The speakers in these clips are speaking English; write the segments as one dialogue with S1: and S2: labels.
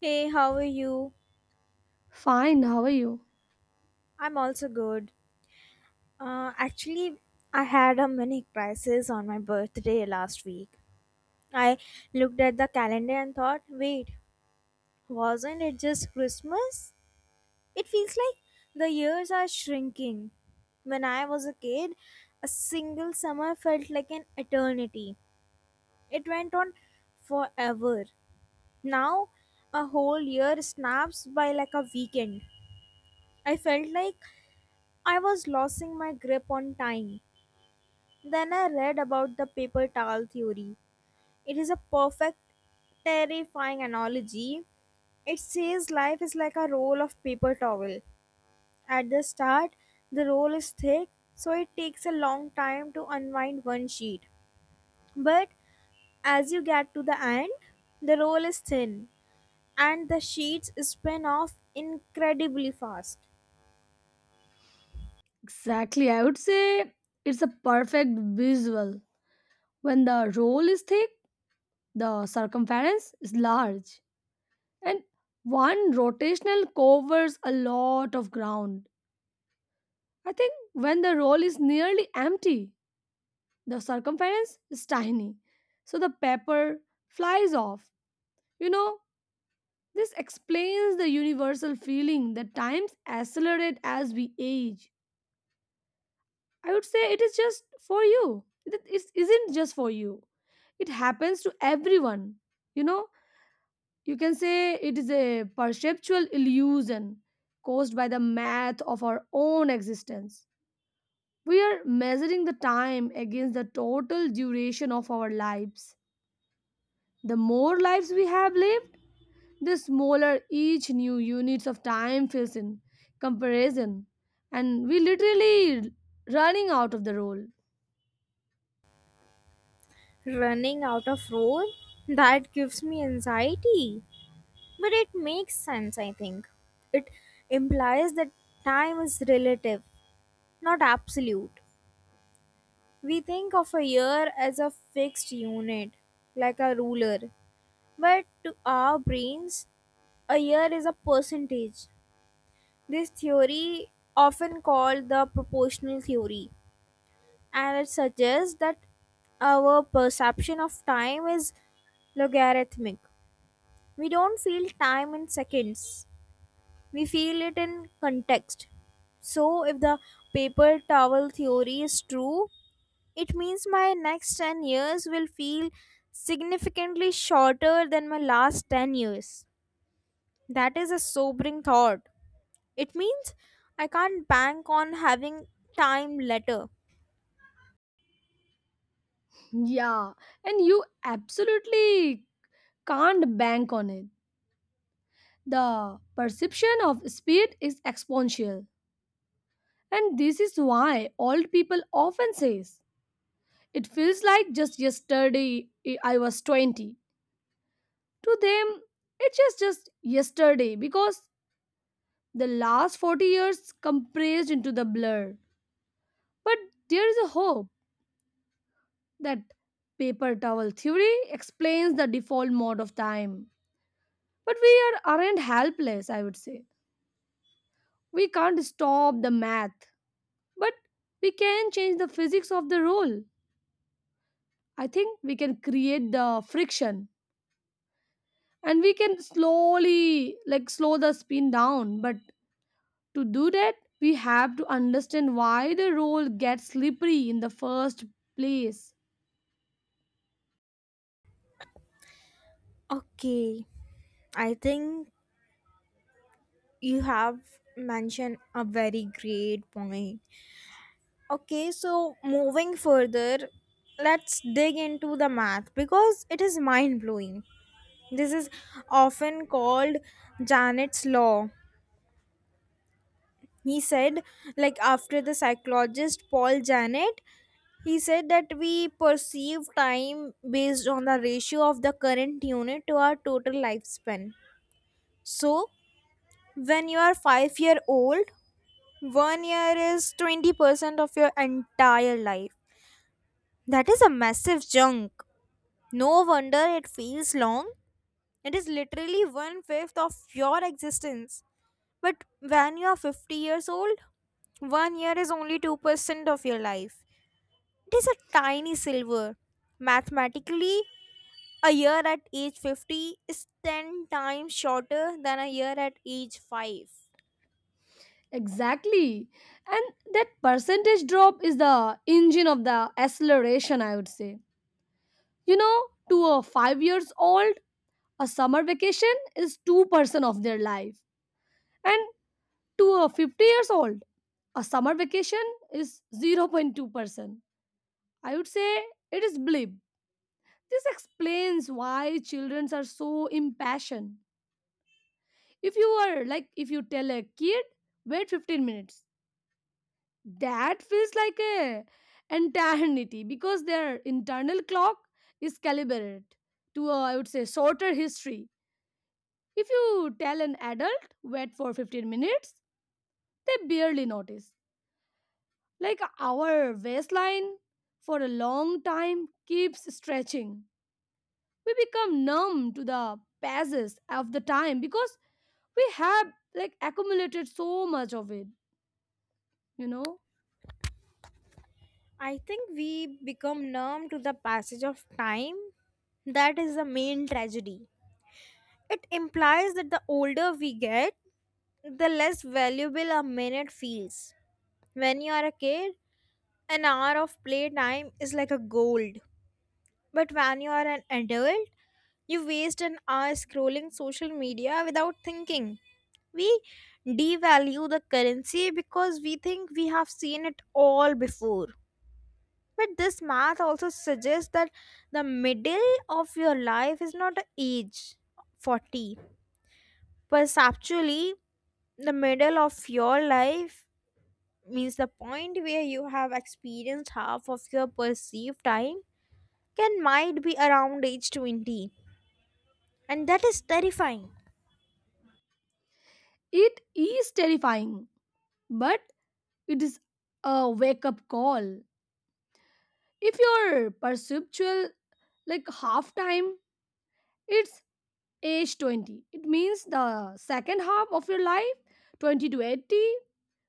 S1: Hey, how are you?
S2: Fine, how are you?
S1: I'm also good. Actually, I had a mini crisis on my birthday last week. I looked at the calendar and thought, wait, wasn't it just Christmas? It feels like the years are shrinking. When I was a kid, a single summer felt like an eternity. It went on forever. Now, a whole year snaps by like a weekend. I felt like I was losing my grip on time. Then I read about the paper towel theory. It is a perfect, terrifying analogy. It says life is like a roll of paper towel. At the start, the roll is thick, so it takes a long time to unwind one sheet. But as you get to the end, the roll is thin and the sheets spin off incredibly fast.
S2: Exactly, I would say it's a perfect visual. When the roll is thick, the circumference is large, and one rotational covers a lot of ground. I think when the roll is nearly empty, the circumference is tiny, so the paper flies off. You know, this explains the universal feeling that times accelerate as we age. I would say it is just for you. It isn't just for you. It happens to everyone. You know, you can say it is a perceptual illusion caused by the math of our own existence. We are measuring the time against the total duration of our lives. The more lives we have lived, the smaller each new units of time feels in comparison. And we literally running out of the role.
S1: Running out of roll? That gives me anxiety. But it makes sense, I think. It implies that time is relative, not absolute. We think of a year as a fixed unit, like a ruler. But to our brains, a year is a percentage. This theory, often called the proportional theory, and it suggests that our perception of time is logarithmic. We don't feel time in seconds, we feel it in context. So if the paper towel theory is true, it means my next 10 years will feel significantly shorter than my last 10 years. That is a sobering thought. It means I can't bank on having time later.
S2: Yeah, and you absolutely can't bank on it. The perception of speed is exponential, and this is why old people often says it feels like just yesterday I was 20. To them, it's just yesterday because the last 40 years compressed into the blur. But there is a hope that paper towel theory explains the default mode of time. But we aren't helpless, I would say. We can't stop the math, but we can change the physics of the roll. I think we can create the friction, and we can slow the spin down, but to do that, we have to understand why the roll gets slippery in the first place.
S1: Okay, I think you have mentioned a very great point. Okay, so moving further, let's dig into the math because it is mind blowing. This is often called Janet's law. He said, like after the psychologist Paul Janet, he said that we perceive time based on the ratio of the current unit to our total lifespan. So, when you are 5-year-old, 1 year is 20% of your entire life. That is a massive chunk. No wonder it feels long. It is literally one fifth of your existence. But when you are 50 years old, 1 year is only 2% of your life. It is a tiny silver. Mathematically, a year at age 50 is 10 times shorter than a year at age 5.
S2: Exactly. And that percentage drop is the engine of the acceleration, I would say. You know, to a 5 years old, a summer vacation is 2% of their life. And to a 50 years old, a summer vacation is 0.2%. I would say it is blip. This explains why children are so impassioned. If you tell a kid, wait 15 minutes, that feels like a eternity because their internal clock is calibrated to a, I would say, shorter history. If you tell an adult, wait for 15 minutes, they barely notice. Like our waistline for a long time keeps stretching. We become numb to the passes of the time because we have accumulated so much of it, you know.
S1: I think we become numb to the passage of time. That is the main tragedy. It implies that the older we get, the less valuable a minute feels. When you are a kid, an hour of playtime is like a gold. But when you are an adult, you waste an hour scrolling social media without thinking. We devalue the currency because we think we have seen it all before. But this math also suggests that the middle of your life is not an age 40. Perceptually, the middle of your life means the point where you have experienced half of your perceived time. Can might be around age 20, and that is terrifying.
S2: It is terrifying, but it is a wake up call. If your perceptual like half time, it's age 20. It means the second half of your life, 20 to 80,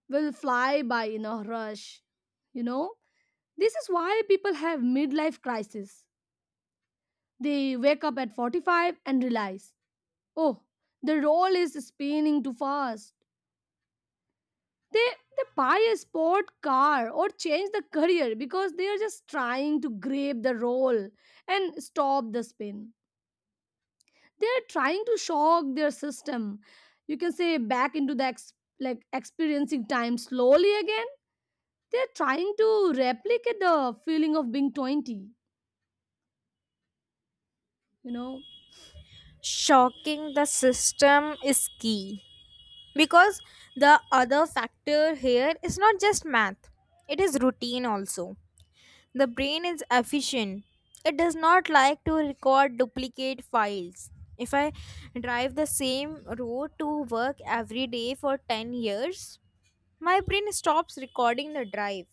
S2: will fly by in a rush. You know, This is why people have midlife crisis. They wake up at 45 and realize, oh, the role is spinning too fast. They, they buy a sport car or change the career because they are just trying to grab the role and stop the spin. They are trying to shock their system. You can say back into the experiencing time slowly again. They are trying to replicate the feeling of being 20. you know
S1: Shocking the system is key because the other factor here is not just math, it is routine also. The brain is efficient. It does not like to record duplicate files. If I drive the same road to work every day for 10 years, my brain stops recording the drive.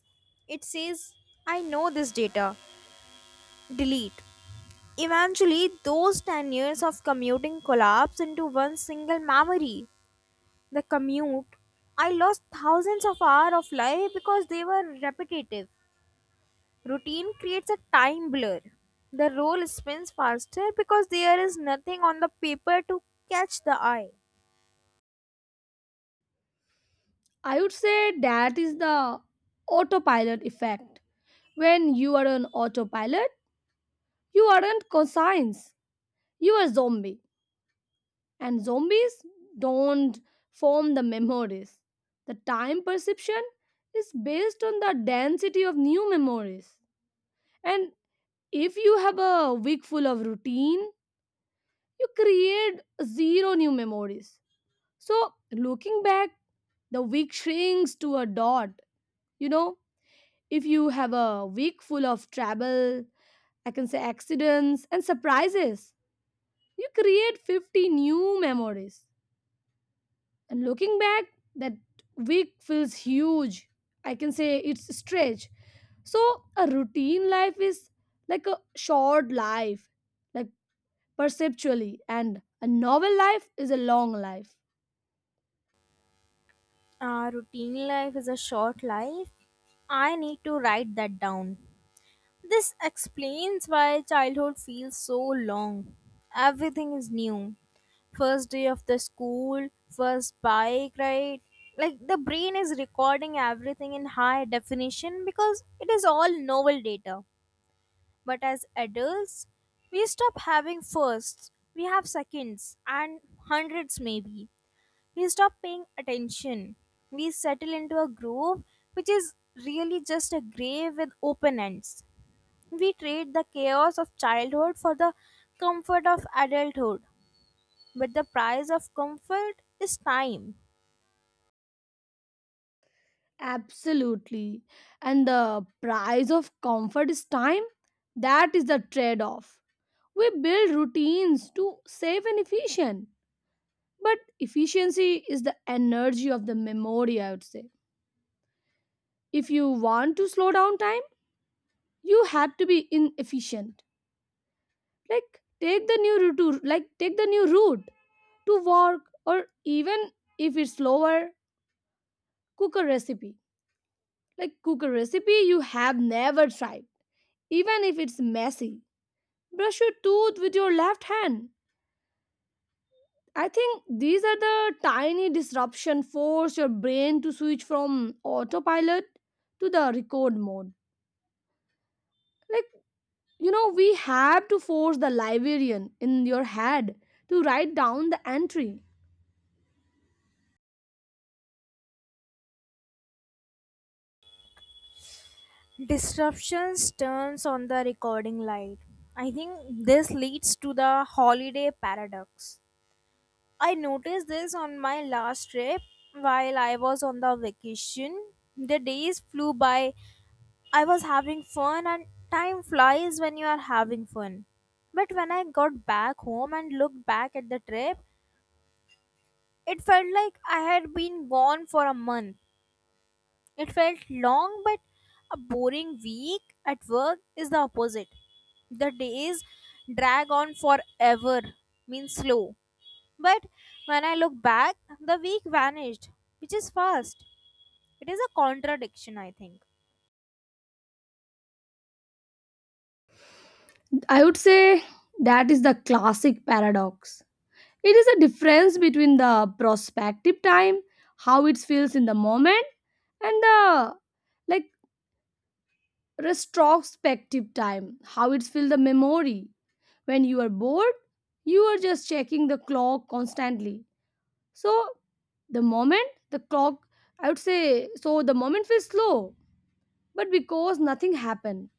S1: It says, I know this data, delete. Eventually, those 10 years of commuting collapse into one single memory. The commute. I lost thousands of hours of life because they were repetitive. Routine creates a time blur. The roll spins faster because there is nothing on the paper to catch the eye.
S2: I would say that is the autopilot effect. When you are on autopilot, you aren't conscious. You are zombie. And zombies don't form the memories. The time perception is based on the density of new memories. And if you have a week full of routine, you create zero new memories. So looking back, the week shrinks to a dot. You know, If you have a week full of travel, I can say accidents and surprises, you create 50 new memories. And looking back, that week feels huge. I can say it's stretch. So a routine life is like a short life, like perceptually, and a novel life is a long life.
S1: Ah, routine life is a short life. I need to write that down. This explains why childhood feels so long. Everything is new. First day of the school, first bike ride. Like the brain is recording everything in high definition because it is all novel data. But as adults, we stop having firsts, we have seconds, and hundreds maybe. We stop paying attention. We settle into a groove which is really just a grave with open ends. We trade the chaos of childhood for the comfort of adulthood, but the price of comfort is time.
S2: Absolutely. And the price of comfort is time. That is the trade off. We build routines to save and efficient. But efficiency is the energy of the memory, I would say. If you want to slow down time, you have to be inefficient. Like take the new route to work, or even if it's slower, cook a recipe. Cook a recipe you have never tried, even if it's messy. Brush your tooth with your left hand. I think these are the tiny disruption force your brain to switch from autopilot to the record mode. like we have to force the librarian in your head to write down the entry.
S1: Disruptions turns on the recording light. I think this leads to the holiday paradox. I noticed this on my last trip while I was on the vacation. The days flew by. I was having fun and time flies when you are having fun. But when I got back home and looked back at the trip, it felt like I had been gone for a month. It felt long, but a boring week at work is the opposite. The days drag on forever, means slow. But when I look back, the week vanished, which is fast. It is a contradiction, I think.
S2: I would say that is the classic paradox. It is a difference between the prospective time, how it feels in the moment, and the like retrospective time, how it fills the memory. When you are bored, you are just checking the clock constantly. So the moment the clock, I would say, so the moment feels slow, but because nothing happened,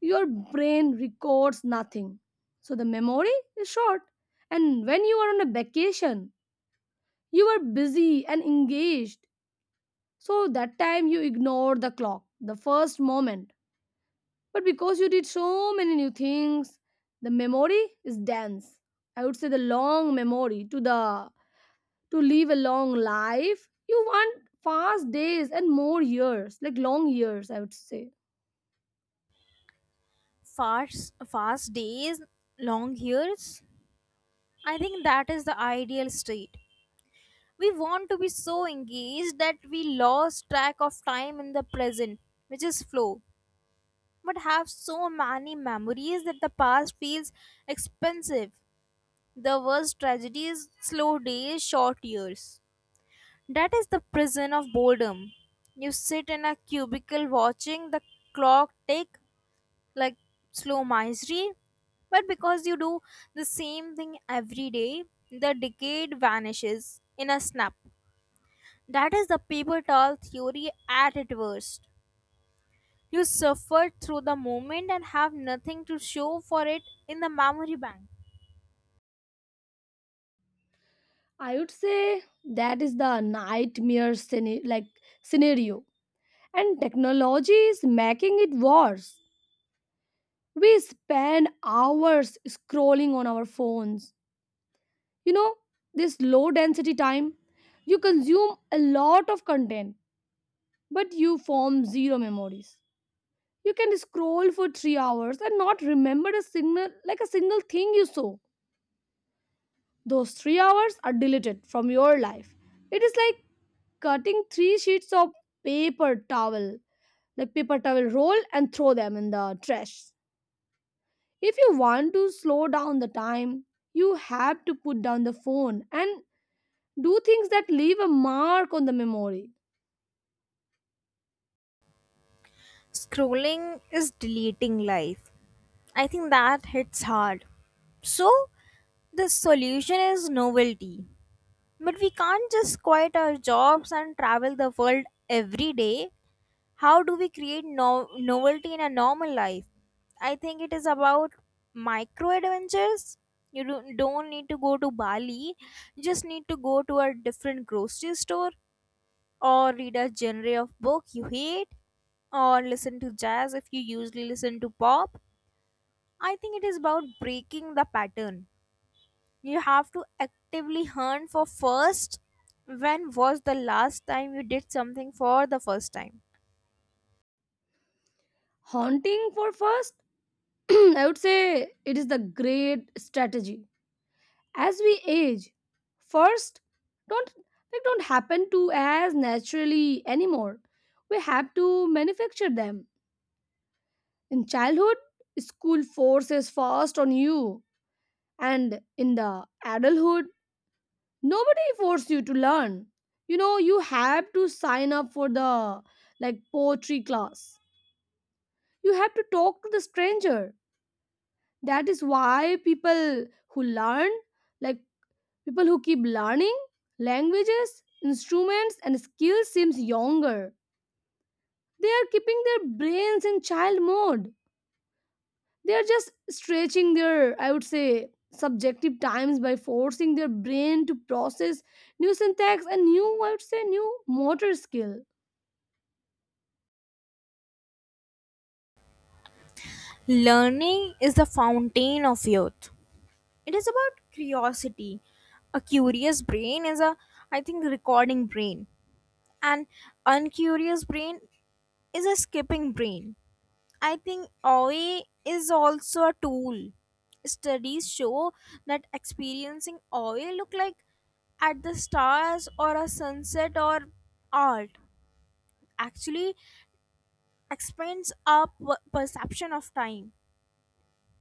S2: your brain records nothing. So the memory is short. And when you are on a vacation, you are busy and engaged. So that time you ignore the clock, the first moment. But because you did so many new things, the memory is dense. I would say the long memory to the to live a long life. You want fast days and more years, like long years, I would say.
S1: Fast, fast days, long years. I think that is the ideal state. We want to be so engaged that we lost track of time in the present, which is flow, but have so many memories that the past feels expensive. The worst tragedy is slow days, short years. That is the prison of boredom. You sit in a cubicle watching the clock tick, like slow misery, but because you do the same thing every day, the decade vanishes in a snap. That is the paper towel theory at its worst. You suffer through the moment and have nothing to show for it in the memory bank.
S2: I would say that is the nightmare scenario. And technology is making it worse. We spend hours scrolling on our phones. You know this low density time. You consume a lot of content, but you form zero memories. You can scroll for 3 hours and not remember a signal like a single thing you saw. Those 3 hours are deleted from your life. It is like cutting three sheets of paper towel, like paper towel roll, and throw them in the trash. If you want to slow down the time, you have to put down the phone and do things that leave a mark on the memory.
S1: Scrolling is deleting life. I think that hits hard. So, the solution is novelty. But we can't just quit our jobs and travel the world every day. How do we create novelty in a normal life? I think it is about micro adventures. You don't need to go to Bali, you just need to go to a different grocery store, or read a genre of book you hate, or listen to jazz if you usually listen to pop. I think it is about breaking the pattern. You have to actively hunt for first. When was the last time you did something for the first time?
S2: Haunting for first. I would say it is the great strategy. As we age, first, don't don't happen to as naturally anymore. We have to manufacture them. In childhood, school forces fast on you, and in the adulthood, nobody force you to learn. You have to sign up for the poetry class. You have to talk to the stranger. That is why people who learn like People who keep learning languages, instruments, and skills seems younger. They are keeping their brains in child mode. They are just stretching their, I would say, subjective times by forcing their brain to process new syntax and new, I would say, new motor skill.
S1: Learning is the fountain of youth. It is about curiosity. A curious brain is a, I think, recording brain. An uncurious brain is a skipping brain. I think OA is also a tool. Studies show that experiencing OA look like at the stars or a sunset or art actually expands our perception of time.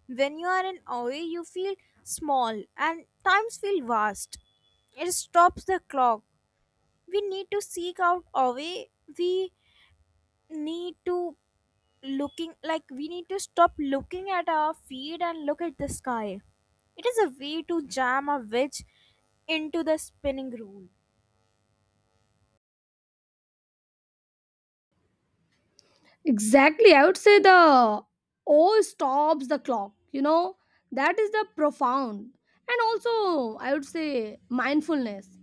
S1: When you are in OA, you feel small and times feel vast. It stops the clock. We need to seek out OA. We need to looking like we need to stop looking at our feet and look at the sky. It is a way to jam a wedge into the spinning rule.
S2: Exactly, I would say the all stops the clock. That is the profound, and also I would say mindfulness.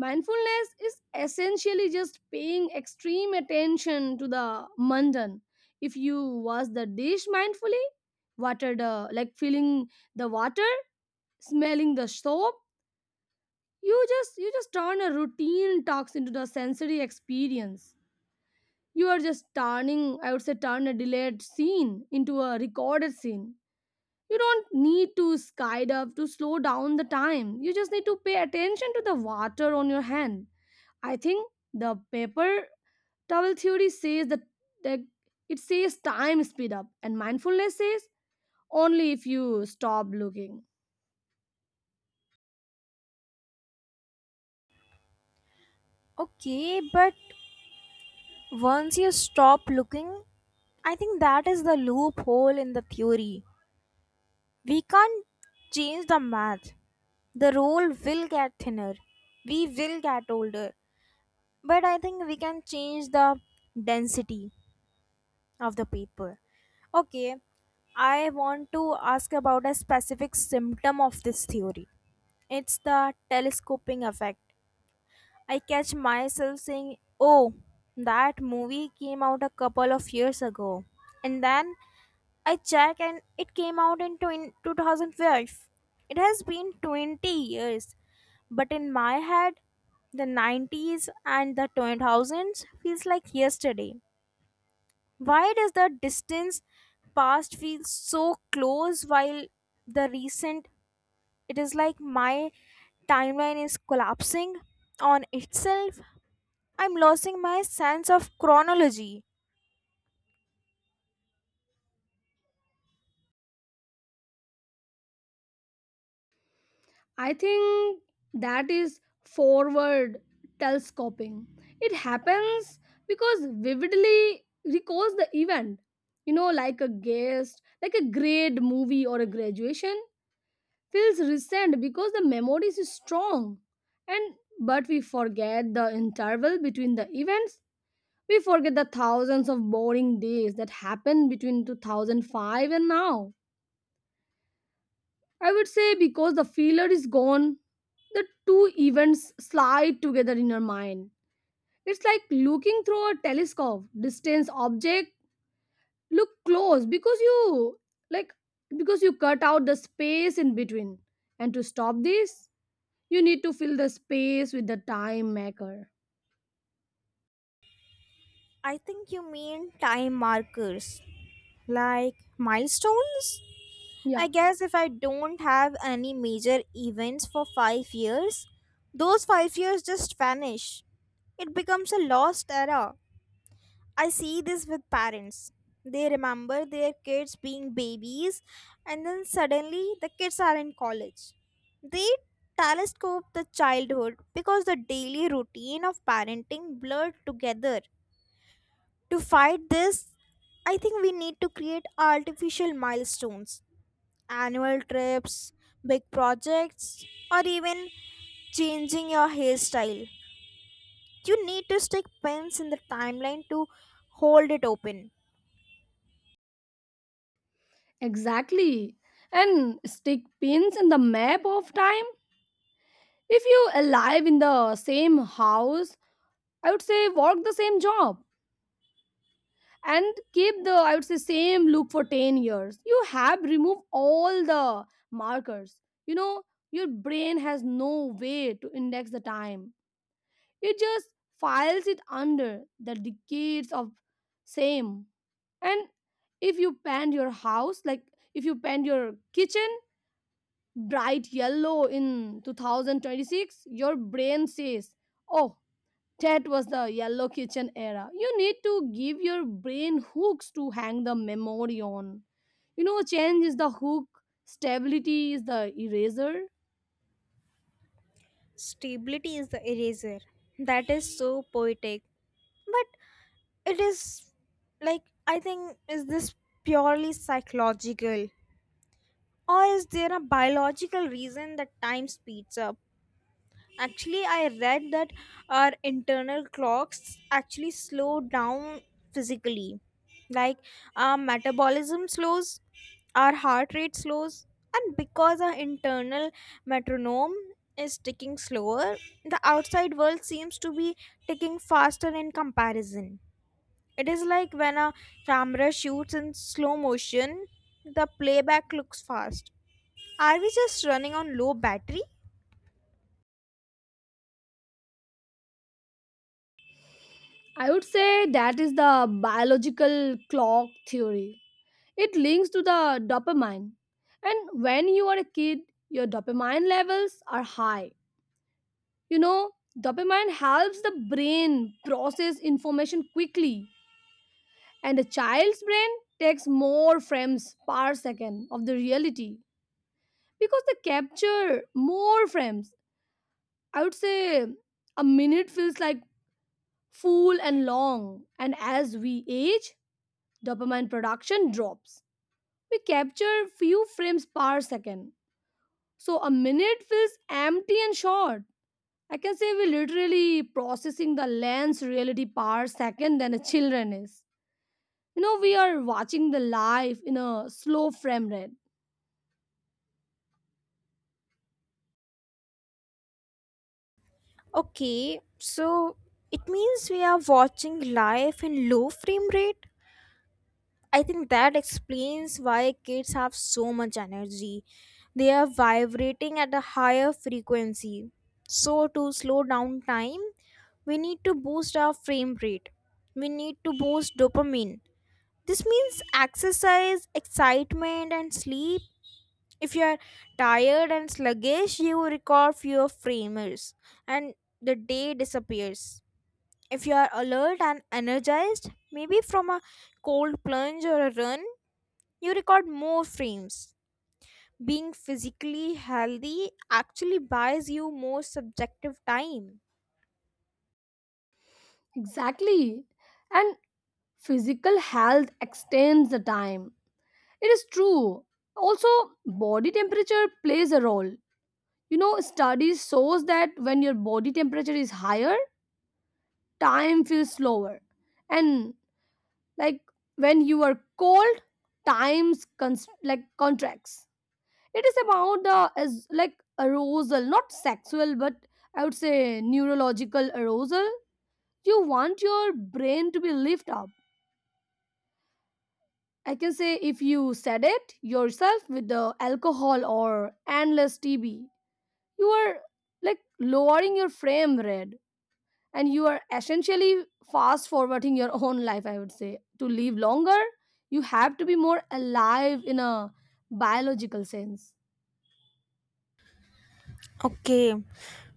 S2: Mindfulness is essentially just paying extreme attention to the mundane. If you wash the dish mindfully, water the like feeling the water, smelling the soap, you just turn a routine talks into the sensory experience. You are just turning, I would say, turn a delayed scene into a recorded scene. You don't need to skydive to slow down the time. You just need to pay attention to the water on your hand. I think the paper towel theory says that it says time speed up, and mindfulness says only if you stop looking.
S1: Okay, but once you stop looking, I think that is the loophole in the theory. We can't change the math. The role will get thinner. We will get older. But I think we can change the density of the paper. Okay, I want to ask about a specific symptom of this theory. It's the telescoping effect. I catch myself saying, oh, that movie came out a couple of years ago. And then I check and it came out in 2005. It has been 20 years. But in my head, the 90s and the 2000s feels like yesterday. Why does the distance past feel so close while the recent, it is like my timeline is collapsing on itself? I'm losing my sense of chronology.
S2: I think that is forward telescoping. It happens because vividly recalls the event. Like a guest, like a grade movie or a graduation feels recent because the memory is strong, and but we forget the interval between the events. We forget the thousands of boring days that happened between 2005 and now. I would say because the feeler is gone, the two events slide together in your mind. It's like looking through a telescope, distance object, look close because you like because you cut out the space in between. And to stop this, you need to fill the space with the time maker.
S1: I think you mean time markers, like milestones.
S2: Yeah,
S1: I guess if I don't have any major events for 5 years, those 5 years just vanish. It becomes a lost era. I see this with parents. They remember their kids being babies, and then suddenly the kids are in college. They telescope the childhood because the daily routine of parenting blurred together. To fight this, I think we need to create artificial milestones, annual trips, big projects, or even changing your hairstyle. You need to stick pins in the timeline to hold it open.
S2: exactly. And stick pins in the map of time. If you alive in the same house, I would say work the same job, and keep the, I would say, same look for 10 years, you have removed all the markers. you know your brain has no way to index the time. It just files it under the decades of same. And if you paint your house, if you paint your kitchen bright yellow in 2026, your brain says, oh, that was the yellow kitchen era. You need to give your brain hooks to hang the memory on. Change is the hook, stability is the eraser.
S1: Stability is the eraser. That is so poetic. But it is like, I think, is this purely psychological? Or is there a biological reason that time speeds up? Actually, I read that our internal clocks actually slow down physically. Like our metabolism slows, our heart rate slows, and because our internal metronome is ticking slower, the outside world seems to be ticking faster in comparison. It is like when a camera shoots in slow motion, the playback looks fast. Are we just running on low battery?
S2: I would say that is the biological clock theory. It links to the dopamine. And when you are a kid, your dopamine levels are high. You know, Dopamine helps the brain process information quickly. And a child's brain takes more frames per second of the reality because they capture more frames. I would say a minute feels like full and long. And as we age, dopamine production drops. We capture few frames per second. So a minute feels empty and short. I can say we're literally processing the lens reality per second than a children is. We are watching the life in a slow frame rate.
S1: Okay, so it means we are watching life in low frame rate. I think that explains why kids have so much energy. They are vibrating at a higher frequency. So, to slow down time, we need to boost our frame rate. We need to boost dopamine. This means exercise, excitement, and sleep. If you are tired and sluggish, you record fewer framers, and the day disappears. If you are alert and energized, maybe from a cold plunge or a run, you record more frames. Being physically healthy actually buys you more subjective time.
S2: Exactly. And physical health extends the time. It is true. Also, body temperature plays a role. Studies shows that when your body temperature is higher, time feels slower. And like when you are cold, times contracts. It is about the as like arousal, not sexual, but I would say neurological arousal. You want your brain to be lifted up. I can say if you said it yourself with the alcohol or endless TB, you are lowering your frame rate, and you are essentially fast forwarding your own life, I would say. To live longer, you have to be more alive in a biological sense.
S1: Okay,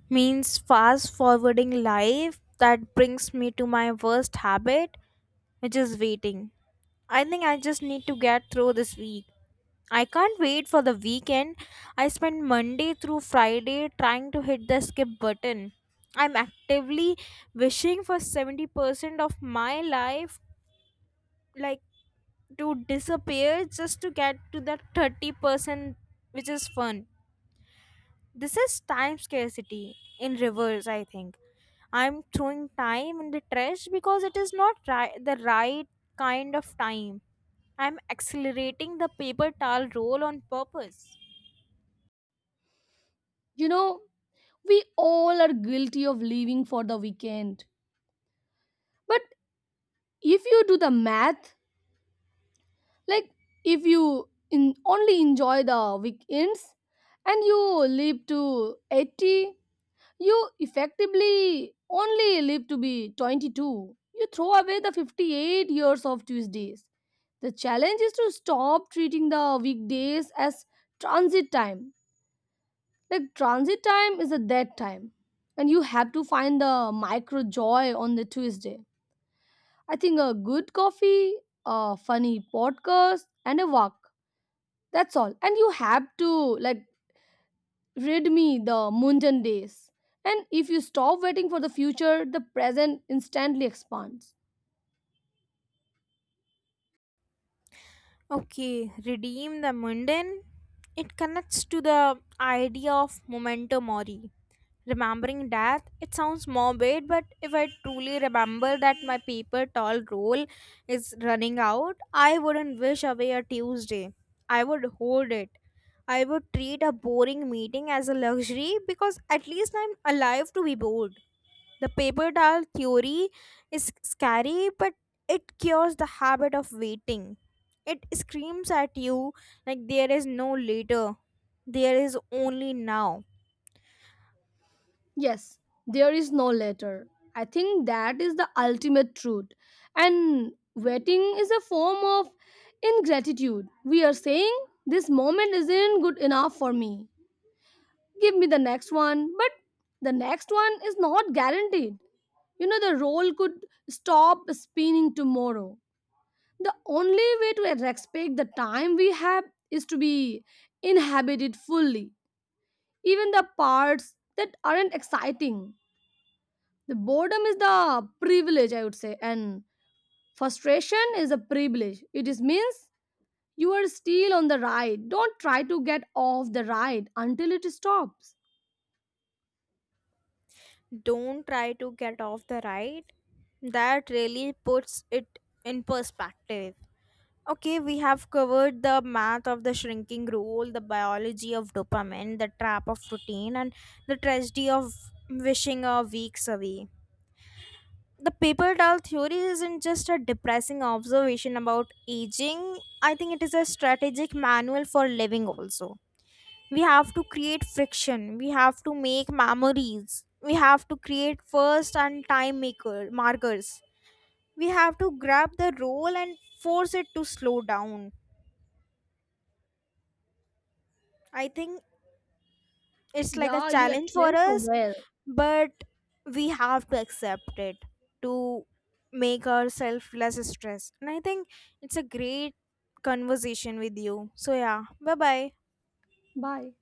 S1: means fast forwarding life that brings me to my worst habit, which is waiting. I think I just need to get through this week. I can't wait for the weekend. I spent Monday through Friday trying to hit the skip button. I'm actively wishing for 70% of my life like to disappear just to get to that 30% which is fun. This is time scarcity in reverse, I think. I'm throwing time in the trash because it is not the right kind of time. I'm accelerating the paper towel roll on purpose.
S2: You know, we all are guilty of living for the weekend. But if you do the math, like if you in, only enjoy the weekends and you live to 80, you effectively only live to be 22. You throw away the 58 years of tuesdays. The challenge is to stop treating the weekdays as transit time. Like transit time is a dead time, and you have to find the micro joy on the tuesday. I think a good coffee, a funny podcast, and a walk. That's all. And you have to like rid me the mundane days. And if you stop waiting for the future, the present instantly expands.
S1: Okay, redeem the mundane. It connects to the idea of memento mori. Remembering death, it sounds morbid, but if I truly remember that my paper towel roll is running out, I wouldn't wish away a Tuesday. I would hold it. I would treat a boring meeting as a luxury because at least I'm alive to be bored. The paper doll theory is scary, but it cures the habit of waiting. It screams at you like there is no later, there is only now.
S2: Yes, there is no later. I think that is the ultimate truth. And waiting is a form of ingratitude. We are saying this moment isn't good enough for me. Give me the next one. But the next one is not guaranteed. The roll could stop spinning tomorrow. The only way to respect the time we have is to be inhabited fully, even the parts that aren't exciting. The boredom is the privilege, I would say, and frustration is a privilege. It is means you are still on the ride. Don't try to get off the ride until it stops.
S1: Don't try to get off the ride. That really puts it in perspective. Okay, we have covered the math of the shrinking rule, the biology of dopamine, the trap of routine, and the tragedy of wishing a weeks away. The paper doll theory isn't just a depressing observation about aging. I think it is a strategic manual for living also. We have to create friction, we have to make memories, we have to create first and time maker markers. We have to grab the role and force it to slow down. I think it's like a
S2: Yeah, you
S1: challenge for
S2: explained so
S1: us.
S2: well.
S1: But we have to accept it to make ourselves less stressed, and I think it's a great conversation with you. So yeah, bye bye.
S2: Bye.